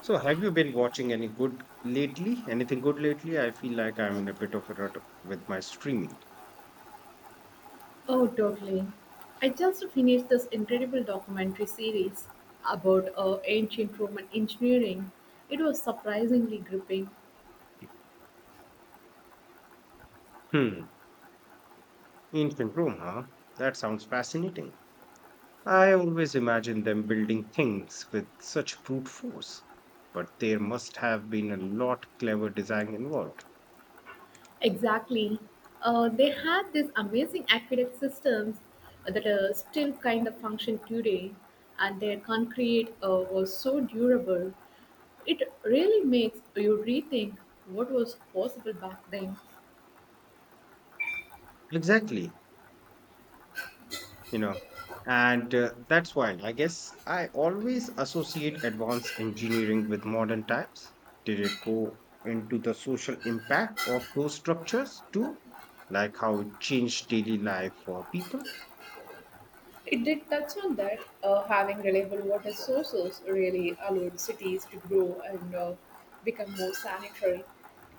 So, have you been watching any good lately? Anything good lately? I feel like I'm in a bit of a rut with my streaming. Oh, totally. I just finished this incredible documentary series about ancient Roman engineering. It was surprisingly gripping. Hmm, ancient Rome, huh? That sounds fascinating. I always imagine them building things with such brute force. But there must have been a lot clever design involved. Exactly. They had these amazing aqueduct systems that are still kind of function today, and their concrete was so durable. It really makes you rethink what was possible back then. Exactly. you know and that's why I guess I always associate advanced engineering with modern times. Did it go into the social impact of those structures too, like how it changed daily life for people? It did touch on that, having reliable water sources really allowed cities to grow and become more sanitary.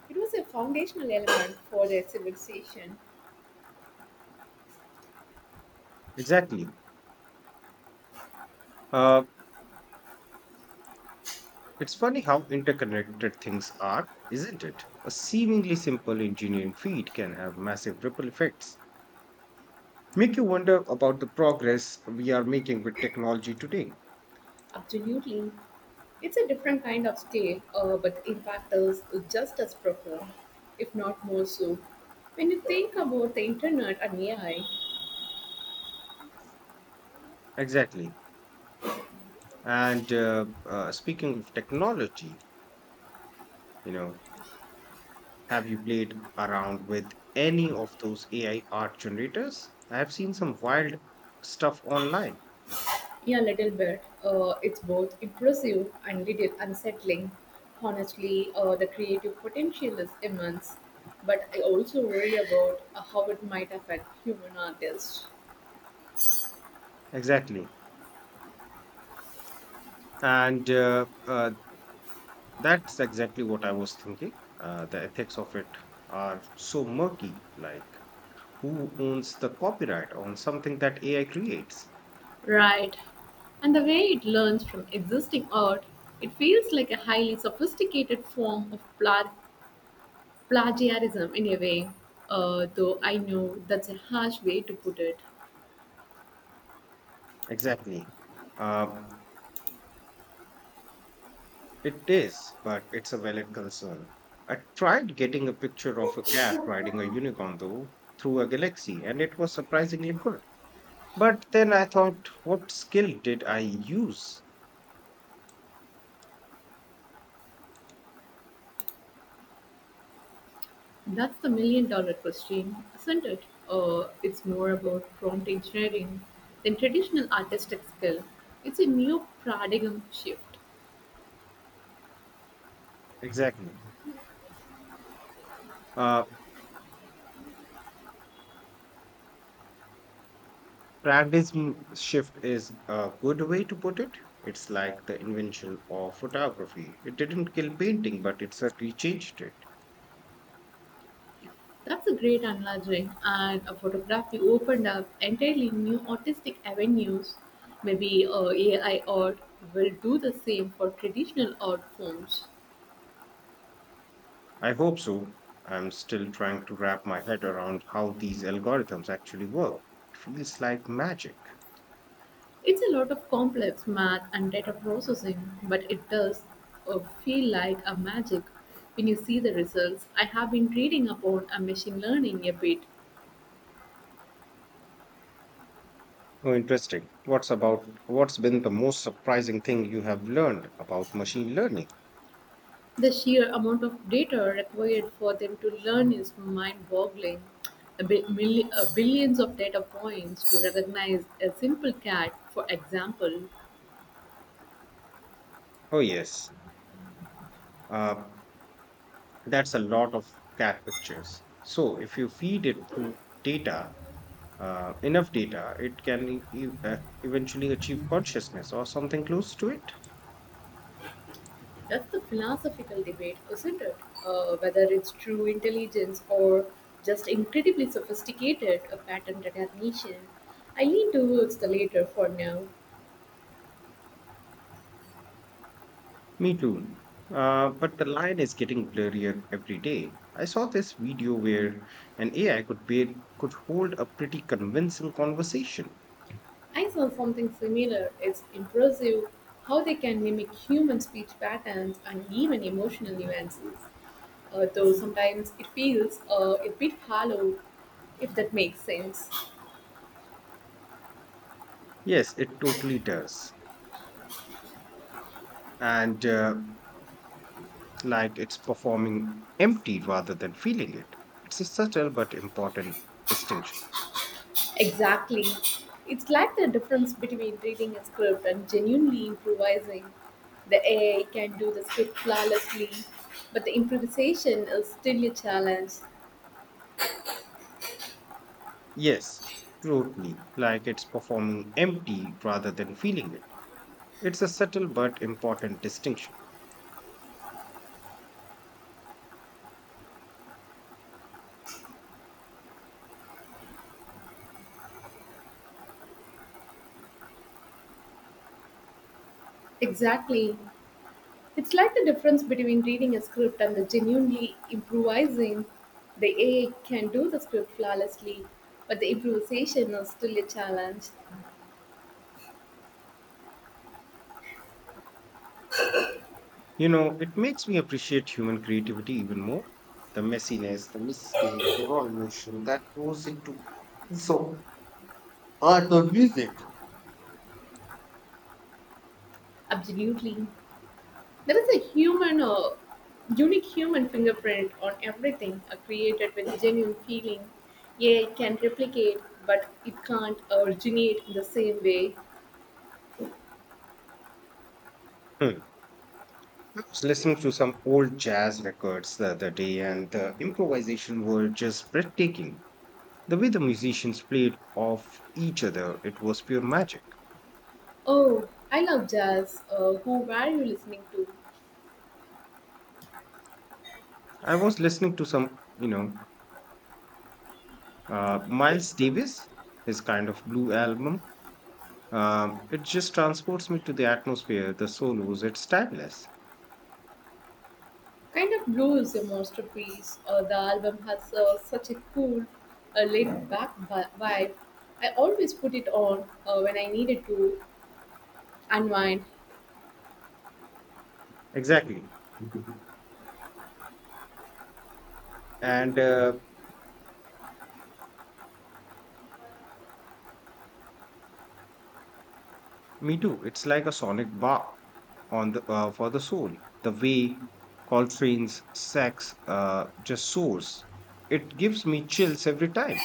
It was a foundational element for their civilization. Exactly. uh, it's funny how interconnected things are, isn't it? A seemingly simple engineering feat can have massive ripple effects. Make you wonder about the progress we are making with technology today. Absolutely. It's a different kind of scale, but the impact is just as profound, if not more so. When you think about the internet and AI, Exactly. And Speaking of technology, you know, have you played around with any of those AI art generators? I have seen some wild stuff online. yeah, a little bit. It's both impressive and little unsettling. Honestly, the creative potential is immense, but I also worry about how it might affect human artists. Exactly. And that's exactly what I was thinking. The ethics of it are so murky. Like, who owns the copyright on something that AI creates? Right. And the way it learns from existing art, it feels like a highly sophisticated form of plagiarism in a way, though I know that's a harsh way to put it. Exactly. Uh, It is, but it's a valid concern. I tried getting a picture of a cat riding a unicorn, though, through a galaxy, and it was surprisingly good. But then I thought, what skill did I use? That's the million dollar question, isn't it? It's more about prompt engineering than traditional artistic skill. It's a new paradigm shift. Exactly. Uh, Paradigm shift is a good way to put it. It's like the invention of photography. It didn't kill painting, but it certainly changed it. That's a great analogy, and a photography opened up entirely new artistic avenues. Maybe AI art will do the same for traditional art forms. I hope so. I'm still trying to wrap my head around how these algorithms actually work. It feels like magic. It's a lot of complex math and data processing, but it does feel like a magic when you see the results. I have been reading upon a machine learning a bit. Oh, interesting. What's been the most surprising thing you have learned about machine learning? The sheer amount of data required for them to learn is mind-boggling. Billions of data points to recognize a simple cat, for example. Oh, yes. Uh, that's a lot of cat pictures. So if you feed it through data, enough data, it can eventually achieve consciousness or something close to it. That's the philosophical debate, isn't it? Whether it's true intelligence or just incredibly sophisticated pattern recognition. I lean towards the latter for now. Me too. But the line is getting blurrier every day. I saw this video where an AI could hold a pretty convincing conversation. I saw something similar. It's impressive how they can mimic human speech patterns and even emotional nuances. Though sometimes it feels a bit hollow, if that makes sense. Yes, it totally does, and like it's performing empty rather than feeling it. It's a subtle but important distinction. Exactly. It's like the difference between reading a script and genuinely improvising. The AI can do the script flawlessly, but the improvisation is still a challenge. Yes, totally. Like it's performing empty rather than feeling it. It's a subtle but important distinction. Exactly. It's like the difference between reading a script and the genuinely improvising. The AI can do the script flawlessly, but the improvisation is still a challenge. You know, it makes me appreciate human creativity even more. The messiness, the mistake, the raw emotion that goes into so art or music. Absolutely. There is a unique human fingerprint on everything created with genuine feeling. AI can replicate, but it can't originate in the same way. Hmm. I was listening to some old jazz records the other day, and the improvisation were just breathtaking. The way the musicians played off each other, it was pure magic. Oh, I love jazz. Who were you listening to? I was listening to some, Miles Davis, his kind of blue album, it just transports me to the atmosphere, the solos, it's timeless. Kind of Blue is a masterpiece. The album has such a cool, laid-back vibe. I always put it on when I needed to unwind. Exactly. And me too, it's like a sonic bath on the for the soul. The way Coltrane's sax just soars, it gives me chills every time.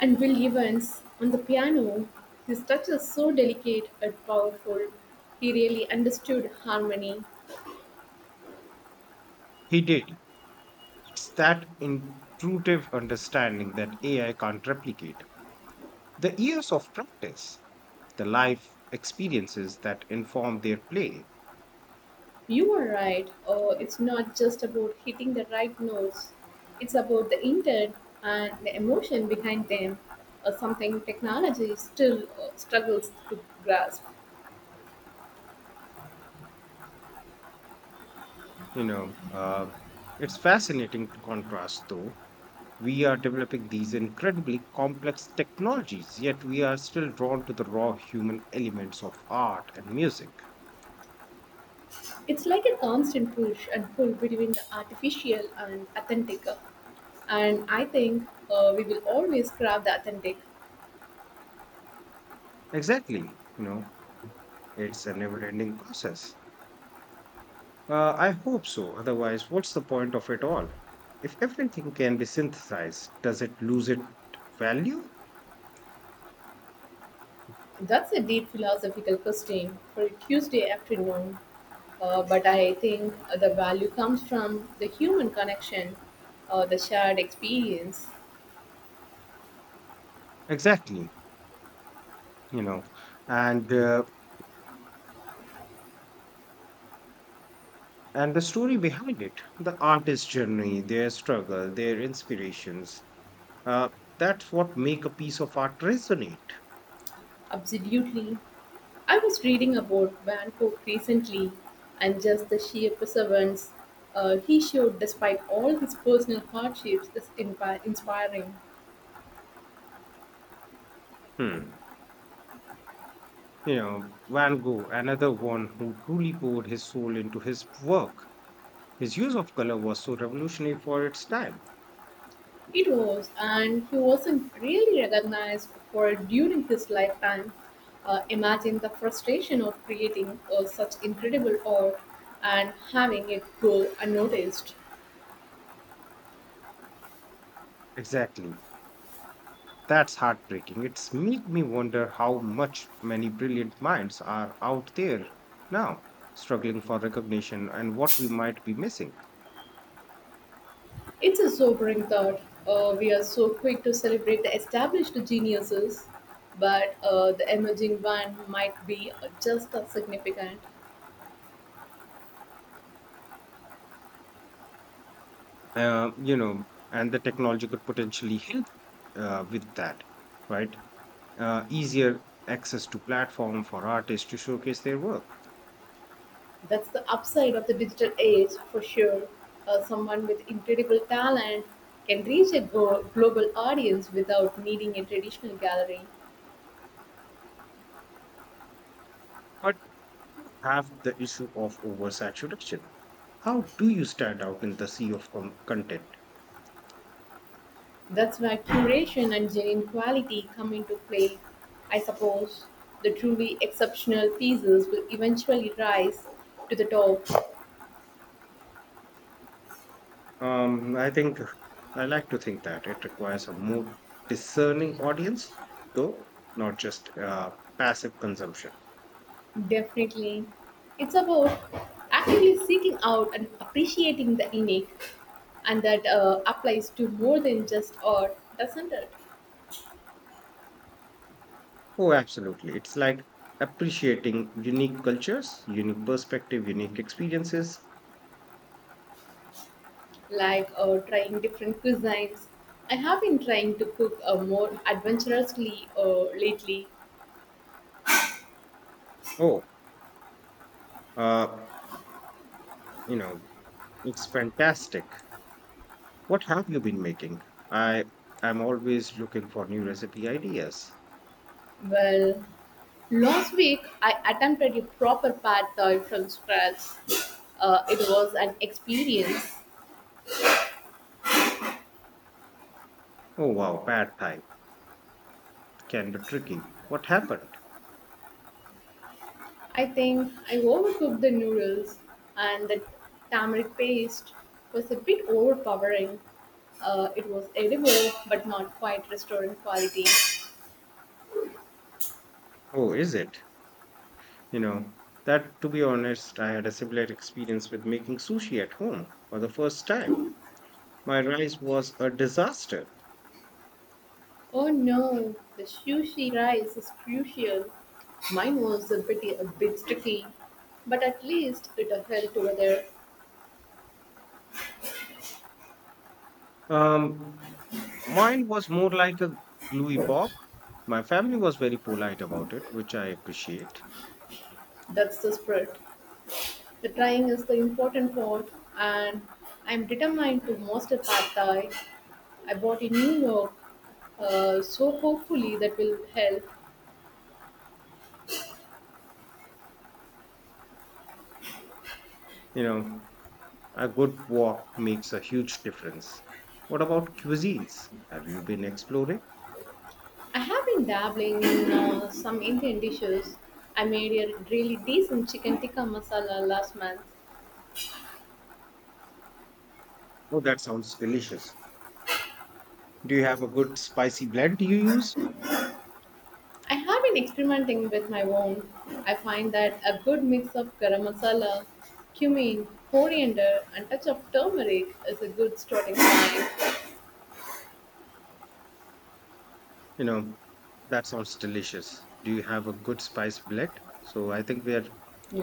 And Bill Evans on the piano, his touch is so delicate and powerful. He really understood harmony. He did. It's that intuitive understanding that AI can't replicate. The years of practice, the life experiences that inform their play. You are right, oh, it's not just about hitting the right notes, it's about the intent and the emotion behind them, or something technology still struggles to grasp. You know, uh, it's fascinating to contrast, though. We are developing these incredibly complex technologies, yet we are still drawn to the raw human elements of art and music. It's like a constant push and pull between the artificial and authentic. And I think we will always grab the authentic. Exactly. You know, it's a never ending process. I hope so. Otherwise, what's the point of it all? If everything can be synthesized, does it lose its value? That's a deep philosophical question for a Tuesday afternoon. But I think the value comes from the human connection, the shared experience. Exactly, you know, and uh, and the story behind it, the artist's journey, their struggle, their inspirations. Uh, that's what make a piece of art resonate. Absolutely. I was reading about Van Gogh recently and just the sheer perseverance he showed despite all his personal hardships is inspiring. Hmm. You know, Van Gogh, another one who truly poured his soul into his work. His use of color was so revolutionary for its time. It was, and he wasn't really recognized for it during his lifetime. Imagine the frustration of creating such incredible art and having it go unnoticed. Exactly. That's heartbreaking. It's make me wonder how much many brilliant minds are out there now, struggling for recognition and what we might be missing. It's a sobering thought. We are so quick to celebrate the established geniuses, but the emerging one might be just as significant. And the technology could potentially help with that, right? Easier access to platform for artists to showcase their work. That's the upside of the digital age for sure. Someone with incredible talent can reach a global audience without needing a traditional gallery. But you have the issue of oversaturation. How do you stand out in the sea of content? That's where curation and genuine quality come into play. I suppose the truly exceptional pieces will eventually rise to the top. Um, I think I like to think that it requires a more discerning audience, though, not just passive consumption. Definitely. It's about actively seeking out and appreciating the unique, and that applies to more than just art, doesn't it? Oh, absolutely. It's like appreciating unique cultures, unique perspective, unique experiences. Like trying different cuisines. I have been trying to cook more adventurously lately. Oh, Uh, you know, it's fantastic. What have you been making? I I'm always looking for new recipe ideas. Well, last week I attempted a proper pad thai from scratch. It was an experience. Oh wow, pad thai can be tricky. What happened? I think I overcooked the noodles and the tamarind paste was a bit overpowering. It was edible but not quite restaurant quality. Oh, is it? You know, that to be honest, I had a similar experience with making sushi at home for the first time. My rice was a disaster. Oh no, the sushi rice is crucial. Mine was a bit sticky, but at least it held together. Um, mine was more like a gluey bob. My family was very polite about it, which I appreciate. That's the spirit. The trying is the important part, and I'm determined to master pad thai. I bought in New York, so hopefully that will help. You know, a good walk makes a huge difference. What about cuisines? Have you been exploring? I have been dabbling in some Indian dishes. I made a really decent chicken tikka masala last month. Oh, that sounds delicious. Do you have a good spicy blend you use? I have been experimenting with my own. I find that a good mix of garam masala, cumin, coriander, and touch of turmeric is a good starting point. You know, that sounds delicious. Do you have a good spice blend? So I think we are